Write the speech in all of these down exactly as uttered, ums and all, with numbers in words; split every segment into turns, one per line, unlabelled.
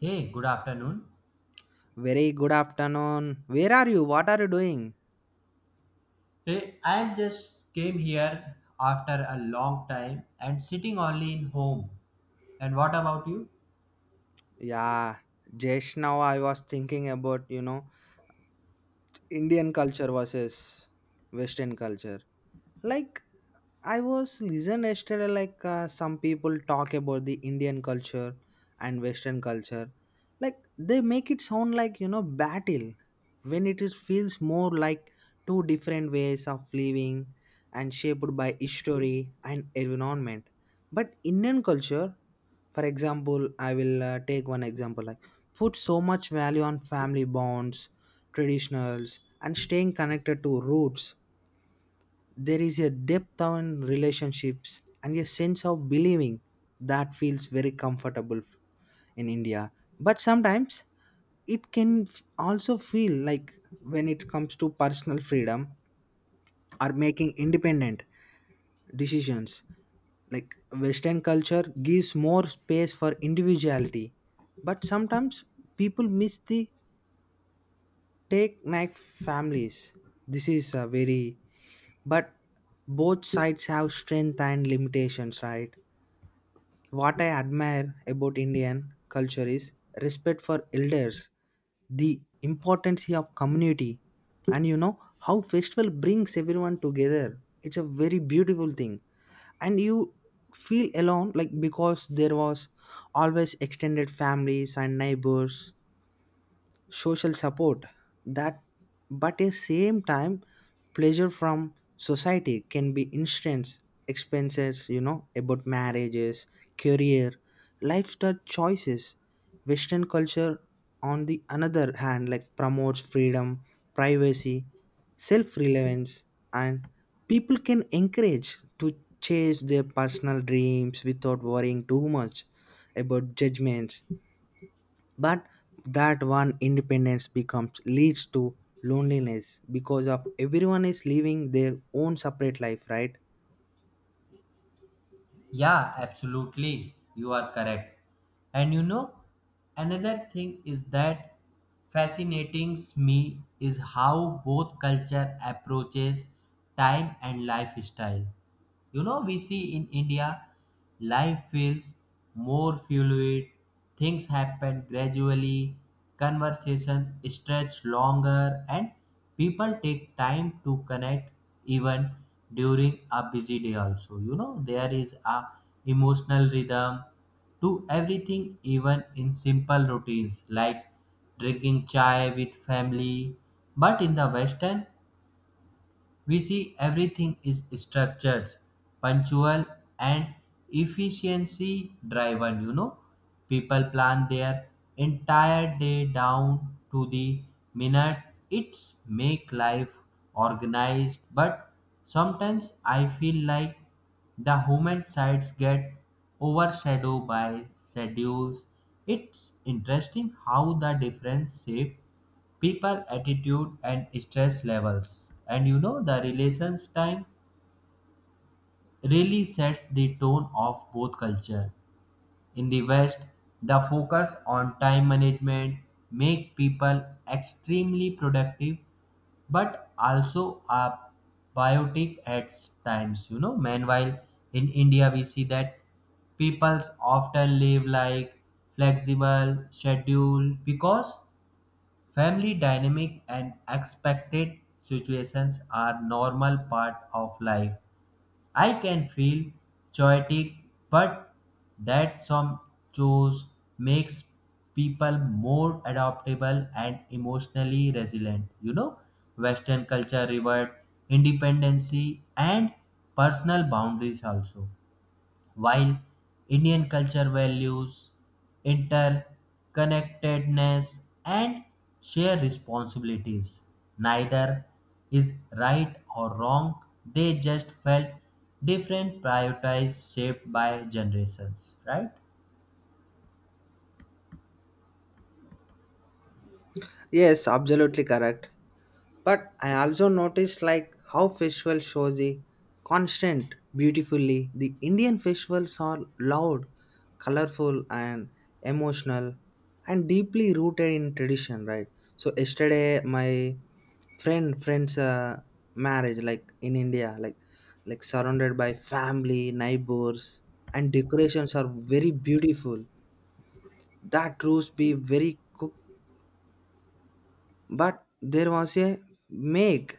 Hey, good afternoon.
Very good afternoon. Where are you? What are you doing?
Hey, I just came here after a long time and sitting only in home. And what about you?
Yeah, just now I was thinking about, you know, Indian culture versus Western culture. Like, I was listening yesterday, like, uh, some people talk about the Indian culture and Western culture. Like, they make it sound like, you know, battle when it is, feels more like two different ways of living and shaped by history and environment. But Indian culture, for example, I will uh, take one example like put so much value on family bonds, traditionals, and staying connected to roots. There is a depth on relationships and a sense of believing that feels very comfortable in India. But sometimes it can f- also feel like when it comes to personal freedom or making independent decisions, like western culture gives more space for individuality, but sometimes people miss the take knife families. This is a very but both sides have strength and limitations, right? What I admire about Indian culture is respect for elders, the importance of community, and you know how festival brings everyone together. It's a very beautiful thing, and you feel alone like because there was always extended families and neighbors, social support that. But at same time, pleasure from society can be instance expenses, you know, about marriages, career, lifestyle choices. Western culture, on the another hand, like promotes freedom, privacy, self relevance, and people can encourage to chase their personal dreams without worrying too much about judgments. But that one independence becomes leads to loneliness because of everyone is living their own separate life, right?
Yeah, absolutely. You are correct. And you know, another thing is that fascinating me is how both culture approaches time and lifestyle. You know, we see in India, life feels more fluid. Things happened gradually, conversation stretched longer, and people take time to connect even during a busy day also, you know, there is a emotional rhythm to everything even in simple routines like drinking chai with family. But in the western we see everything is structured, punctual, and efficiency driven. You know, people plan their entire day down to the minute. It's make life organized, but sometimes I feel like the human sides get overshadowed by schedules. It's interesting how the difference shape people attitude and stress levels and you know the relations time really sets the tone of both culture. In the west the focus on time management make people extremely productive but also are biotic at times, you know. Meanwhile in india we see that people often live like flexible schedule because family dynamic and expected situations are normal part of life. I can feel chaotic, but that some chose makes people more adaptable and emotionally resilient. You know, Western culture reward independency and personal boundaries also. While Indian culture values interconnectedness and shared responsibilities, neither is right or wrong. They just felt different, prioritized, shaped by generations, right?
Yes, absolutely correct. But I also noticed like how festivals show the constant beautifully. The Indian festivals are loud, colorful and emotional and deeply rooted in tradition, right? So yesterday my friend friend's uh, marriage like in India, like like surrounded by family, neighbors, and decorations are very beautiful. That roast be very cooked, but there was a make,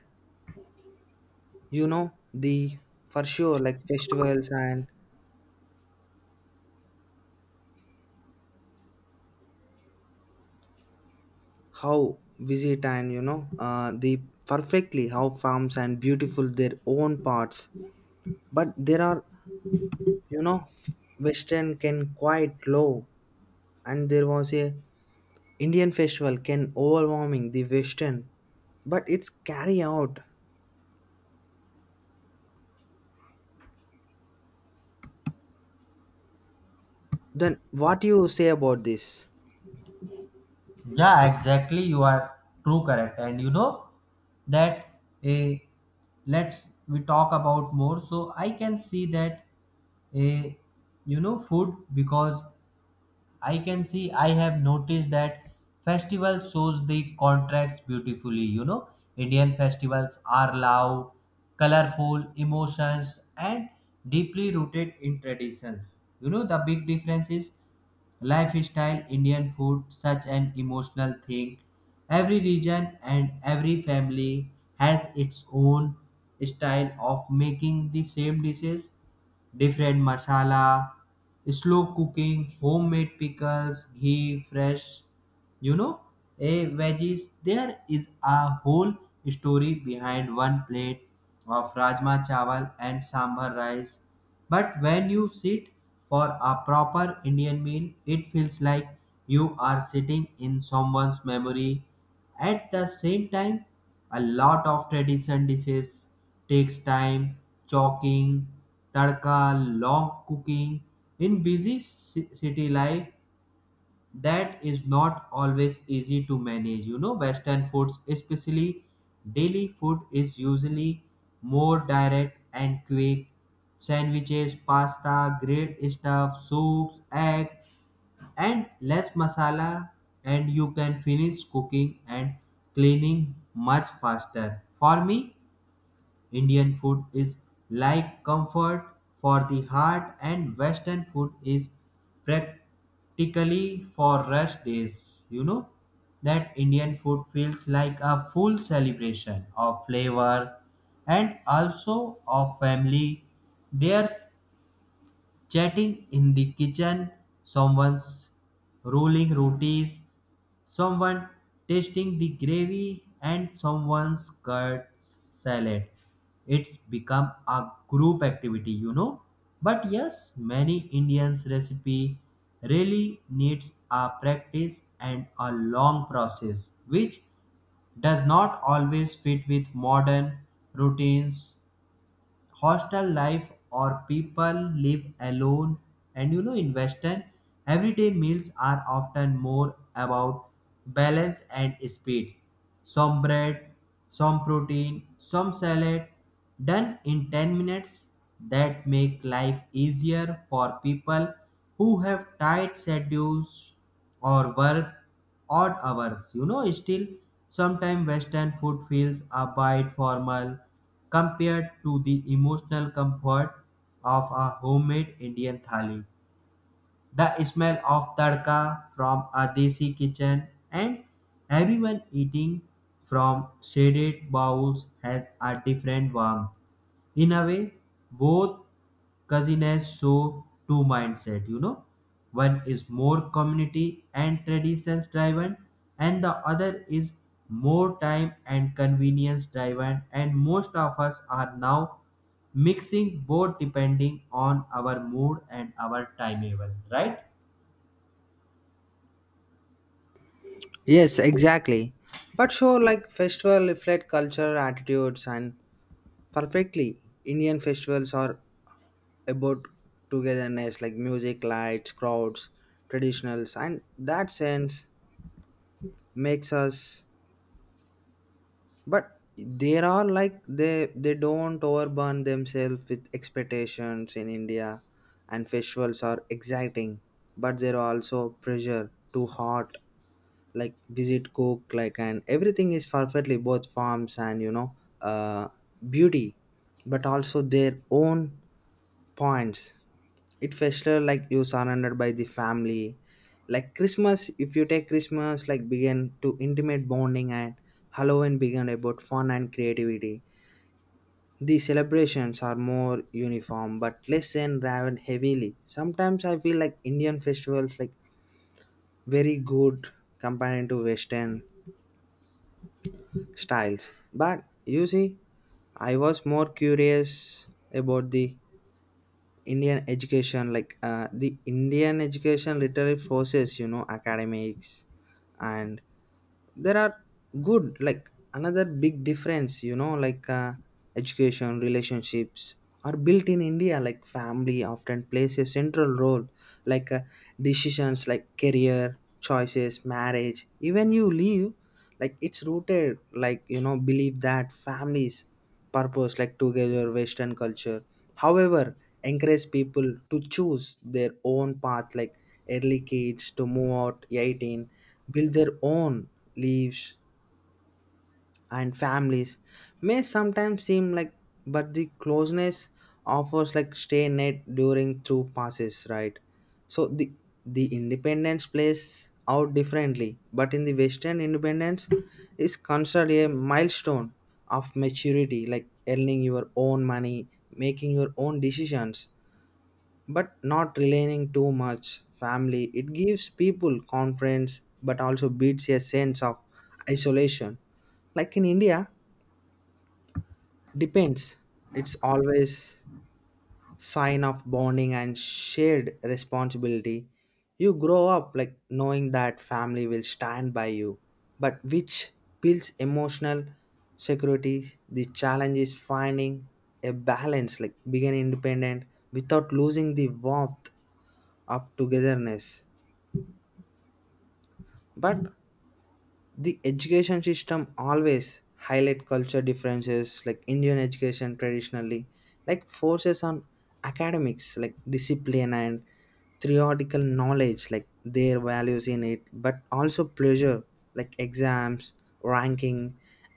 you know, the for sure like festivals and how visit and you know uh, the perfectly how farms and beautiful their own parts. But there are, you know, western can quite low and there was a Indian festival can overwhelming the western, but it's carry out. Then what you say about this?
Yeah, exactly. You are true, correct. And you know that a let's we talk about more. So I can see that a you know food because I can see I have noticed that festival shows the contrast beautifully. You know, Indian festivals are loud, colorful, emotions, and deeply rooted in traditions. You know, the big difference is lifestyle, Indian food, such an emotional thing. Every region and every family has its own style of making the same dishes, different masala, slow cooking, homemade pickles, ghee, fresh, you know, a veggies. There is a whole story behind one plate of rajma chawal and sambar rice. But when you sit for a proper Indian meal, it feels like you are sitting in someone's memory. At the same time, a lot of tradition dishes takes time, chalking, tadka, long cooking. In busy ci- city life, that is not always easy to manage. You know western foods, especially daily food, is usually more direct and quick: sandwiches, pasta, grilled stuff, soups, egg, and less masala, and you can finish cooking and cleaning much faster. For me Indian food is like comfort for the heart, and Western food is practically for rest days. You know that Indian food feels like a full celebration of flavors and also of family. There's chatting in the kitchen, someone's rolling rotis, someone tasting the gravy and someone's cut salad. It's become a group activity, you know. But yes, many Indians recipe really needs a practice and a long process, which does not always fit with modern routines, hostel life or people live alone. And you know in western everyday meals are often more about balance and speed: some bread, some protein, some salad, done in ten minutes. That make life easier for people who have tight schedules or work odd hours. You know, still, sometimes Western food feels a bit formal compared to the emotional comfort of a homemade Indian thali. The smell of tadka from a desi kitchen and everyone eating from shaded bowls has a different warmth. In a way both cousins show two mindset, you know, one is more community and traditions driven and the other is more time and convenience driven, and most of us are now mixing both depending on our mood and our timetable, right?
Yes, exactly. But sure like festival reflect culture attitudes and perfectly Indian festivals are about togetherness, like music, lights, crowds, traditionals, and that sense makes us. But there are like they they don't overburn themselves with expectations in India, and festivals are exciting, but there are also pressure too hot, like visit cook like and everything is perfectly both forms and you know uh beauty, but also their own points. It festival like you surrounded by the family, like Christmas. If you take Christmas like begin to intimate bonding and Halloween began about fun and creativity, the celebrations are more uniform but less and rather heavily. Sometimes I feel like Indian festivals like very good compared to western styles. But you see, I was more curious about the Indian education, like uh, the Indian education literally forces, you know, academics, and there are good, like another big difference, you know, like uh, education, relationships are built in India, like family often plays a central role, like uh, decisions, like career choices, marriage, even you leave, like it's rooted, like you know believe that families purpose like together. Western culture, however, encourage people to choose their own path, like early kids to move out eighteen, build their own lives, and families may sometimes seem like, but the closeness offers like stay net during through passes, right? So the the independence plays out differently, but in the western independence is considered a milestone of maturity, like earning your own money, making your own decisions, but not relying too much family. It gives people confidence but also beats a sense of isolation. Like in India, depends. It's always sign of bonding and shared responsibility. You grow up like knowing that family will stand by you, but which builds emotional security. The challenge is finding a balance, like being independent without losing the warmth of togetherness. But the education system always highlight culture differences, like Indian education traditionally like forces on academics, like discipline and theoretical knowledge, like their values in it, but also pleasure like exams, ranking,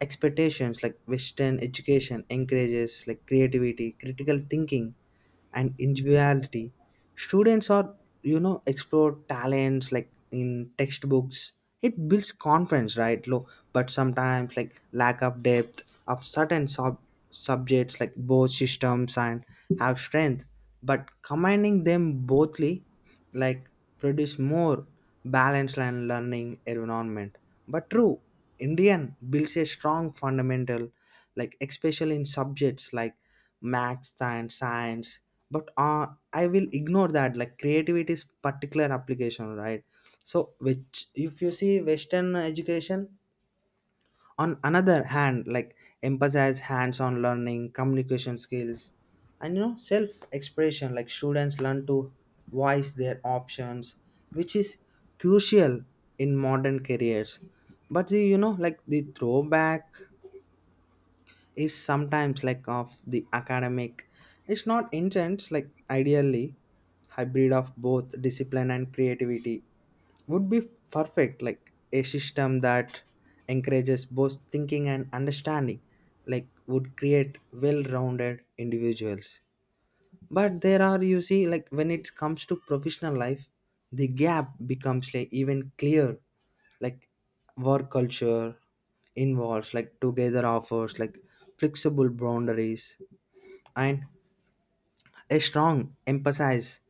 expectations. Like western education encourages like creativity, critical thinking, and individuality. Students are, you know, explore talents like in textbooks. It builds confidence, right? Low, but sometimes like lack of depth of certain sub- subjects, like both systems and have strength, but combining them bothly like produce more balanced and learning environment. But true, Indian builds a strong fundamental, like especially in subjects like maths and science. But uh, I will ignore that. Like creativity is particular application, right? So which if you see Western education, on another hand like emphasize hands-on learning, communication skills, and you know self-expression, like students learn to voice their options, which is crucial in modern careers. But the, you know, like the throwback is sometimes like of the academic, it's not intense. Like ideally hybrid of both discipline and creativity would be perfect, like a system that encourages both thinking and understanding, like would create well-rounded individuals. But there are, you see, like when it comes to professional life, the gap becomes like even clear. Like work culture involves like together offers like flexible boundaries and a strong emphasis,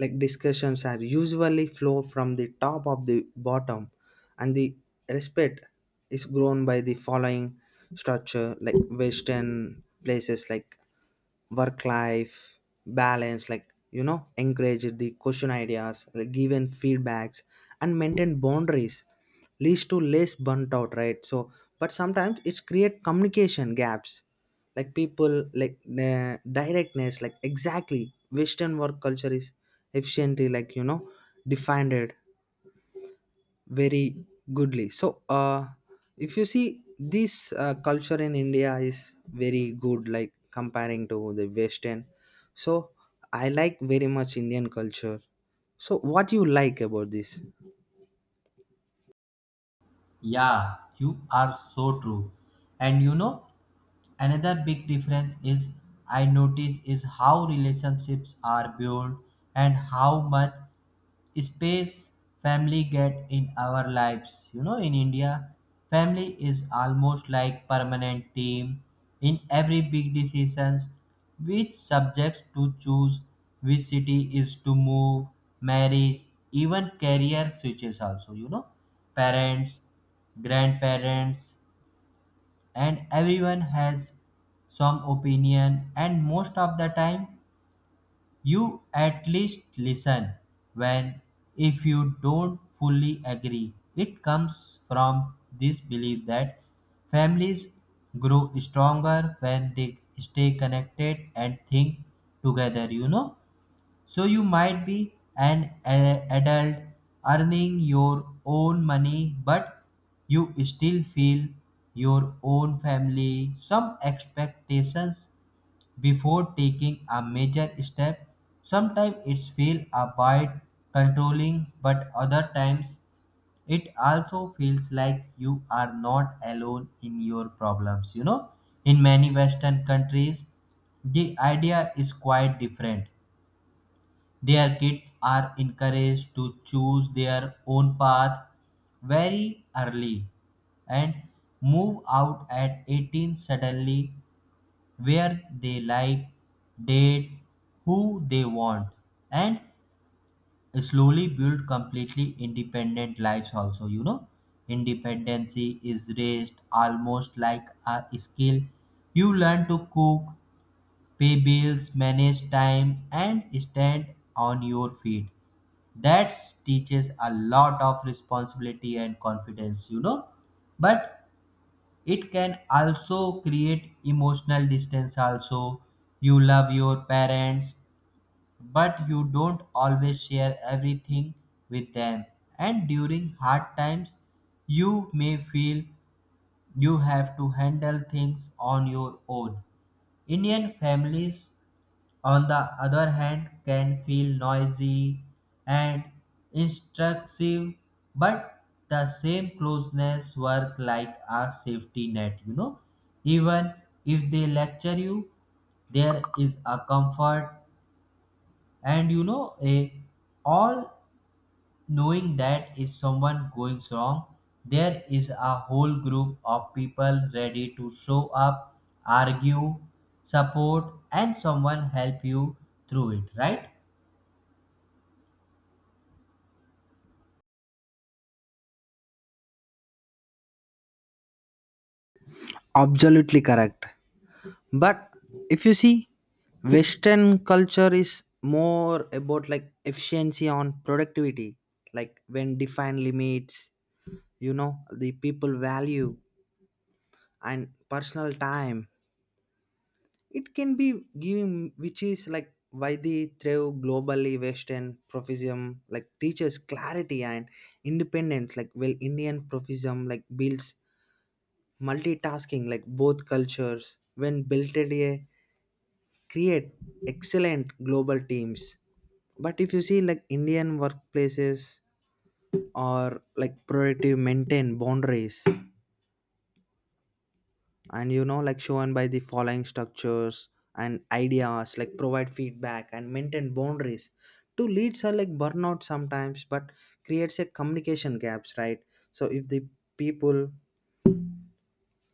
like discussions are usually flow from the top of the bottom, and the respect is grown by the following structure. Like western places like work life balance, like you know encourage the question ideas, like given feedbacks and maintain boundaries, leads to less burnt out, right? So but sometimes it's create communication gaps, like people like uh, directness. Like exactly western work culture is efficiently, like you know defined very goodly. So uh if you see this uh, culture in India is very good like comparing to the western. So I like very much Indian culture. So what you like about this?
Yeah, you are so true. And you know, another big difference is I notice is how relationships are built and how much space family get in our lives. You know, in India, family is almost like permanent team in every big decisions. Which subjects to choose, which city is to move, marriage, even career switches also. You know, parents, grandparents and everyone has some opinion and most of the time you at least listen, when if you don't fully agree it comes from this belief that families grow stronger when they stay connected and think together, you know. So you might be an a- adult earning your own money, but you still feel your own family some expectations before taking a major step. Sometimes it's feel a bit controlling, but other times it also feels like you are not alone in your problems. You know, in many Western countries, the idea is quite different. Their kids are encouraged to choose their own path very early and move out at eighteen suddenly, where they like, date who they want, and slowly build completely independent lives. Also, you know, independency is raised almost like a skill. You learn to cook, pay bills, manage time, and stand on your feet. That teaches a lot of responsibility and confidence, you know. But it can also create emotional distance also. You love your parents but you don't always share everything with them, and during hard times you may feel you have to handle things on your own. Indian families, on the other hand, can feel noisy and instructive, but the same closeness work like a safety net, you know. Even if they lecture you, there is a comfort and you know a all knowing that if someone goes wrong there is a whole group of people ready to show up, argue, support and someone help you through it, right?
Absolutely correct. But if you see western culture is more about like efficiency on productivity, like when defined limits, you know, the people value and personal time. It can be given, which is like why the thrive globally. Western profession like teaches clarity and independence, like well Indian profession like builds multitasking, like both cultures when built at a create excellent global teams. But if you see like Indian workplaces are like productive, maintain boundaries, and you know like shown by the following structures and ideas, like provide feedback and maintain boundaries. Two leads are like burnout sometimes, but creates a communication gaps, right? So if the people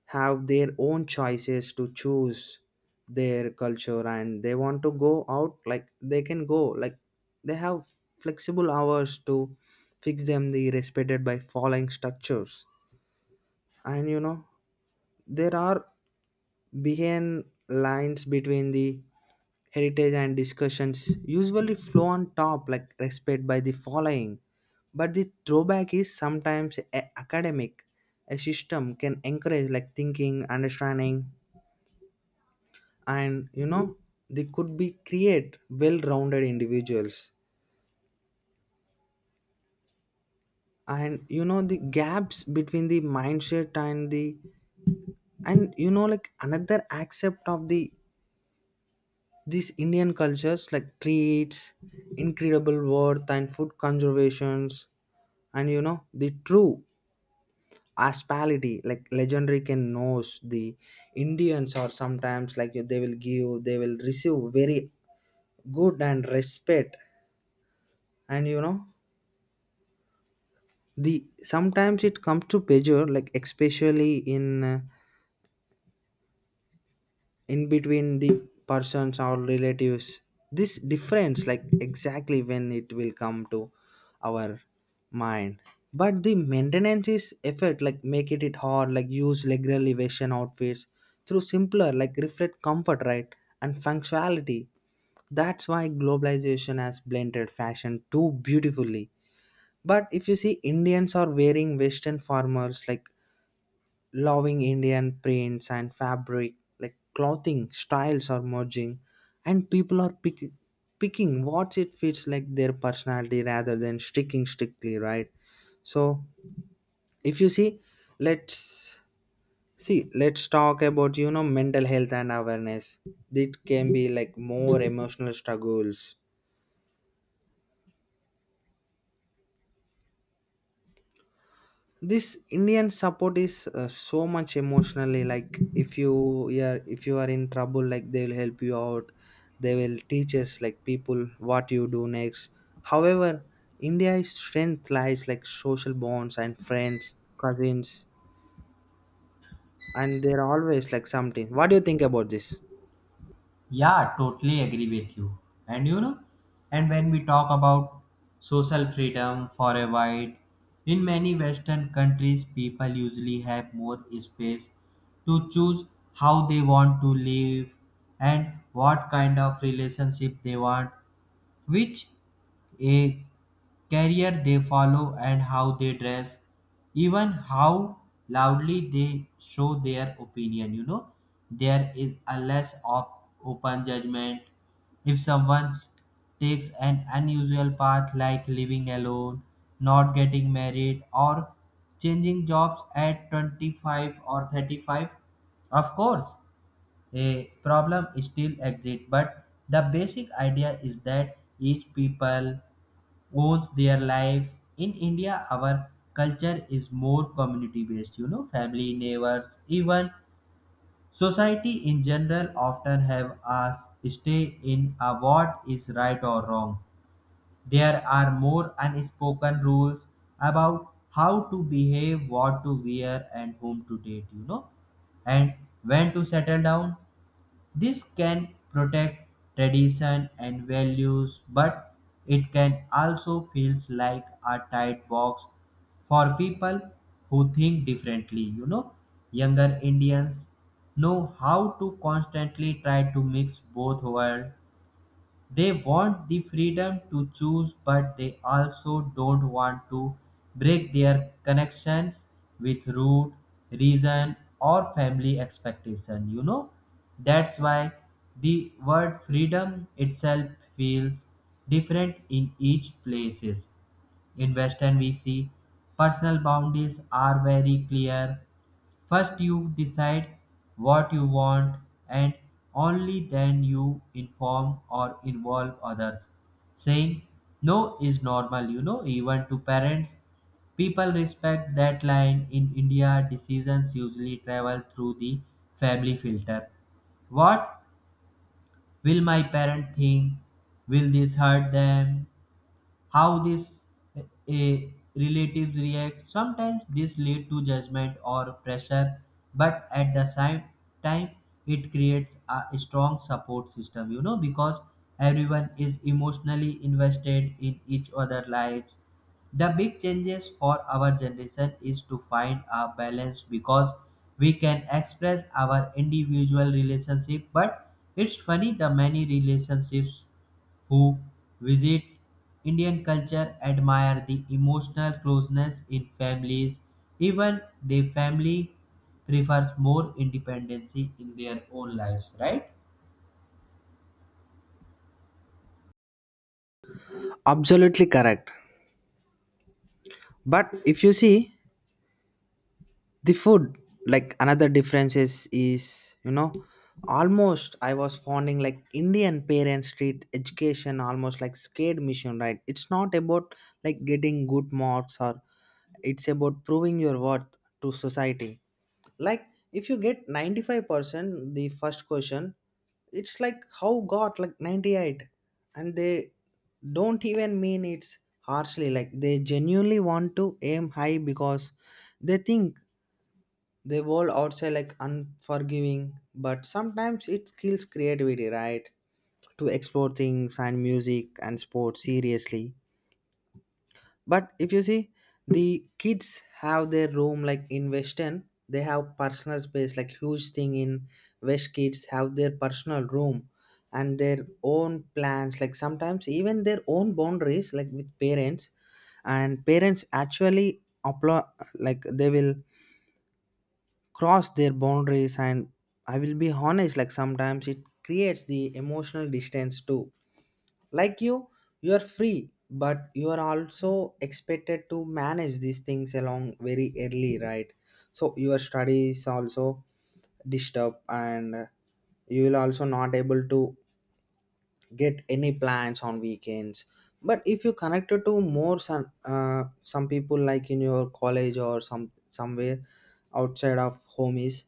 have their own choices to choose their culture and they want to go out like they can go, like they have flexible hours to fix them, the respected by following structures. And you know there are behind lines between the heritage and discussions usually flow on top, like respect by the following. But the throwback is sometimes a- academic. A system can encourage like thinking, understanding, and you know they could be create well-rounded individuals. And you know the gaps between the mindset and the, and you know like another aspect of the, these Indian cultures like treats, incredible worth and food conservations, and you know the true hospitality like legendary can knows. The Indians are sometimes like they will give they will receive very good and respect. And you know the sometimes it comes to pleasure, like especially in uh, in between the persons or relatives, this difference like exactly when it will come to our mind. But the maintenance is effort like make it, it hard, like use leg elevation outfits through simpler like reflect comfort, right? And functionality, that's why globalization has blended fashion too beautifully. But if you see Indians are wearing western formers like loving Indian prints and fabric, like clothing styles are merging, and people are pick, picking what it fits like their personality rather than sticking strictly, right? So, if you see, let's see, let's talk about you know mental health and awareness. It can be like more emotional struggles. This Indian support is uh, so much emotionally, like if you, yeah, if you are in trouble, like they will help you out. They will teach us like people what you do next. However, India's strength lies like social bonds and friends, cousins, and they're always like something. What do you think about this?
Yeah, totally agree with you. And you know, and when we talk about social freedom for a while, in many western countries people usually have more space to choose how they want to live and what kind of relationship they want, which a career they follow and how they dress, even how loudly they show their opinion, you know. There is a less of open judgment if someone takes an unusual path like living alone, not getting married or changing jobs at twenty-five or thirty-five. Of course a problem still exists, but the basic idea is that each people owns their life. In india our culture is more community based, you know, family, neighbors, even society in general often have us stay in a what is right or wrong. There are more unspoken rules about how to behave, what to wear and whom to date, you know, and when to settle down. This can protect tradition and values, but it can also feels like a tight box for people who think differently. You know, younger Indians know how to constantly try to mix both worlds. They want the freedom to choose, but they also don't want to break their connections with root, reason, or family expectation. You know, that's why the word freedom itself feels different in each places. In Western V C, personal boundaries are very clear. First, you decide what you want, and only then you inform or involve others. Saying no is normal, you know, even to parents. People respect that line. In India, decisions usually travel through the family filter. What will my parent think? Will this hurt them? How this a relatives react, sometimes this lead to judgment or pressure, but at the same time it creates a strong support system, you know, because everyone is emotionally invested in each other lives. The big changes for our generation is to find a balance because we can express our individual relationship, but it's funny the many relationships who visit Indian culture admire the emotional closeness in families, even the family prefers more independency in their own lives, right?
Absolutely correct. But if you see the food like another difference is is, you know, almost I was fonding like Indian parent street education almost like scared mission, right? It's not about like getting good marks, or it's about proving your worth to society. Like if you get ninety-five percent, the first question it's like how got like ninety-eight. And they don't even mean it's harshly, like they genuinely want to aim high because they think the world outside like unforgiving, but sometimes it kills creativity, right? To explore things and music and sports seriously. But if you see, the kids have their room, like in Western, they have personal space, like huge thing in West kids have their personal room and their own plans, like sometimes even their own boundaries, like with parents. And parents actually apply, like they will cross their boundaries. And I will be honest, like sometimes it creates the emotional distance too. Like you you are free, but you are also expected to manage these things along very early, right? So your studies also disturbed, and you will also not able to get any plans on weekends. But if you connected to more some uh, some people like in your college or some somewhere outside of home is,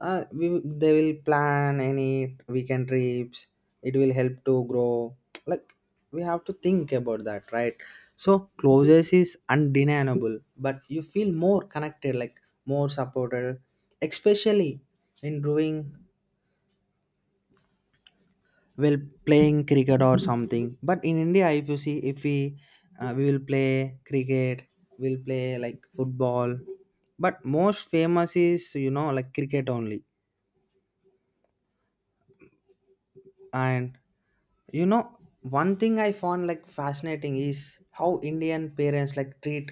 uh, we, will- they will plan any weekend trips. It will help to grow, like we have to think about that, right? So closeness is undeniable, but you feel more connected like more supported, especially in drawing, well, playing cricket or something. But in India if you see if we uh, we will play cricket, we'll play like football, but most famous is, you know, like cricket only. And you know one thing I found like fascinating is how Indian parents like treat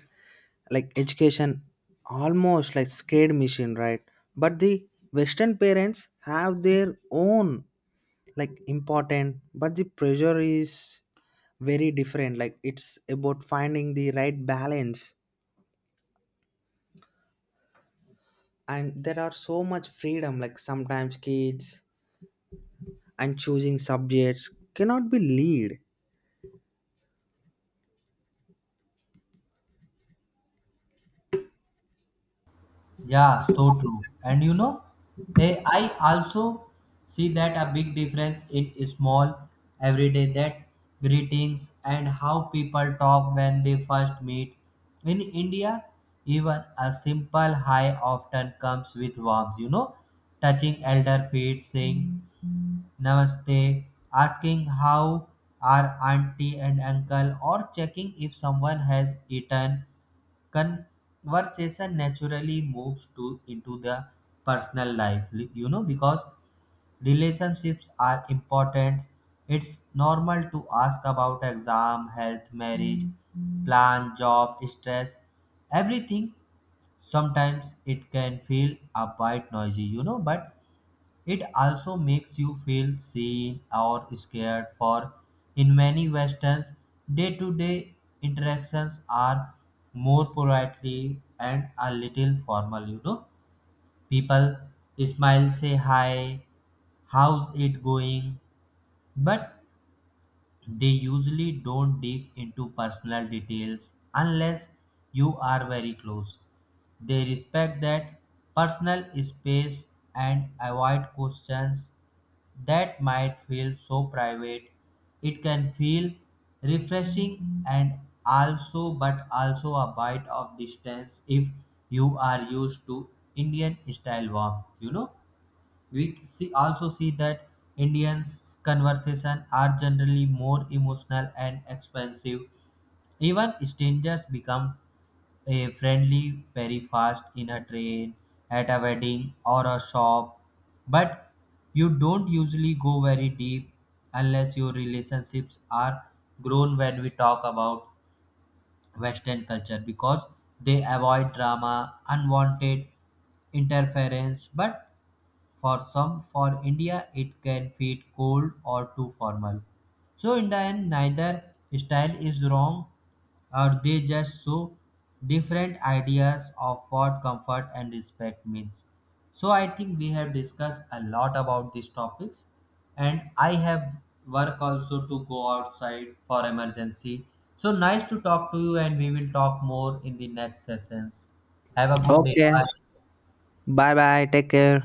like education almost like scared machine, right? But the western parents have their own like important, but the pressure is very different, like it's about finding the right balance, and there are so much freedom, like sometimes kids and choosing subjects cannot be lead.
Yeah, so true. And you know, eh, I also see that a big difference in small everyday that greetings and how people talk when they first meet. In India, even a simple hi often comes with warmth, you know, touching elder feet, saying namaste, asking how are auntie and uncle, or checking if someone has eaten. Conversation naturally moves to into the personal life li- You know, because relationships are important, it's normal to ask about exam, health, marriage plan, job stress, everything. Sometimes it can feel a bit noisy, you know, but it also makes you feel seen or scared for. In many westerns, day-to-day interactions are more politely and a little formal, you know. People smile, say hi, how's it going, but they usually don't dig into personal details unless you are very close. They respect that personal space and avoid questions that might feel so private. It can feel refreshing and also, but also a bite of distance if you are used to Indian style warmth. You know, we see also see that Indians' conversation are generally more emotional and expensive. Even strangers become a friendly very fast in a train, at a wedding or a shop, but you don't usually go very deep unless your relationships are grown. When we talk about Western culture, because they avoid drama, unwanted interference, but for some, for India, it can feel cold or too formal. So, in the end, neither style is wrong, or they just show different ideas of what comfort and respect means. So, I think we have discussed a lot about these topics, and I have work also to go outside for emergency. So, nice to talk to you, and we will talk more in the next sessions. Have a good day.
Okay,
Bye.
bye bye, take care.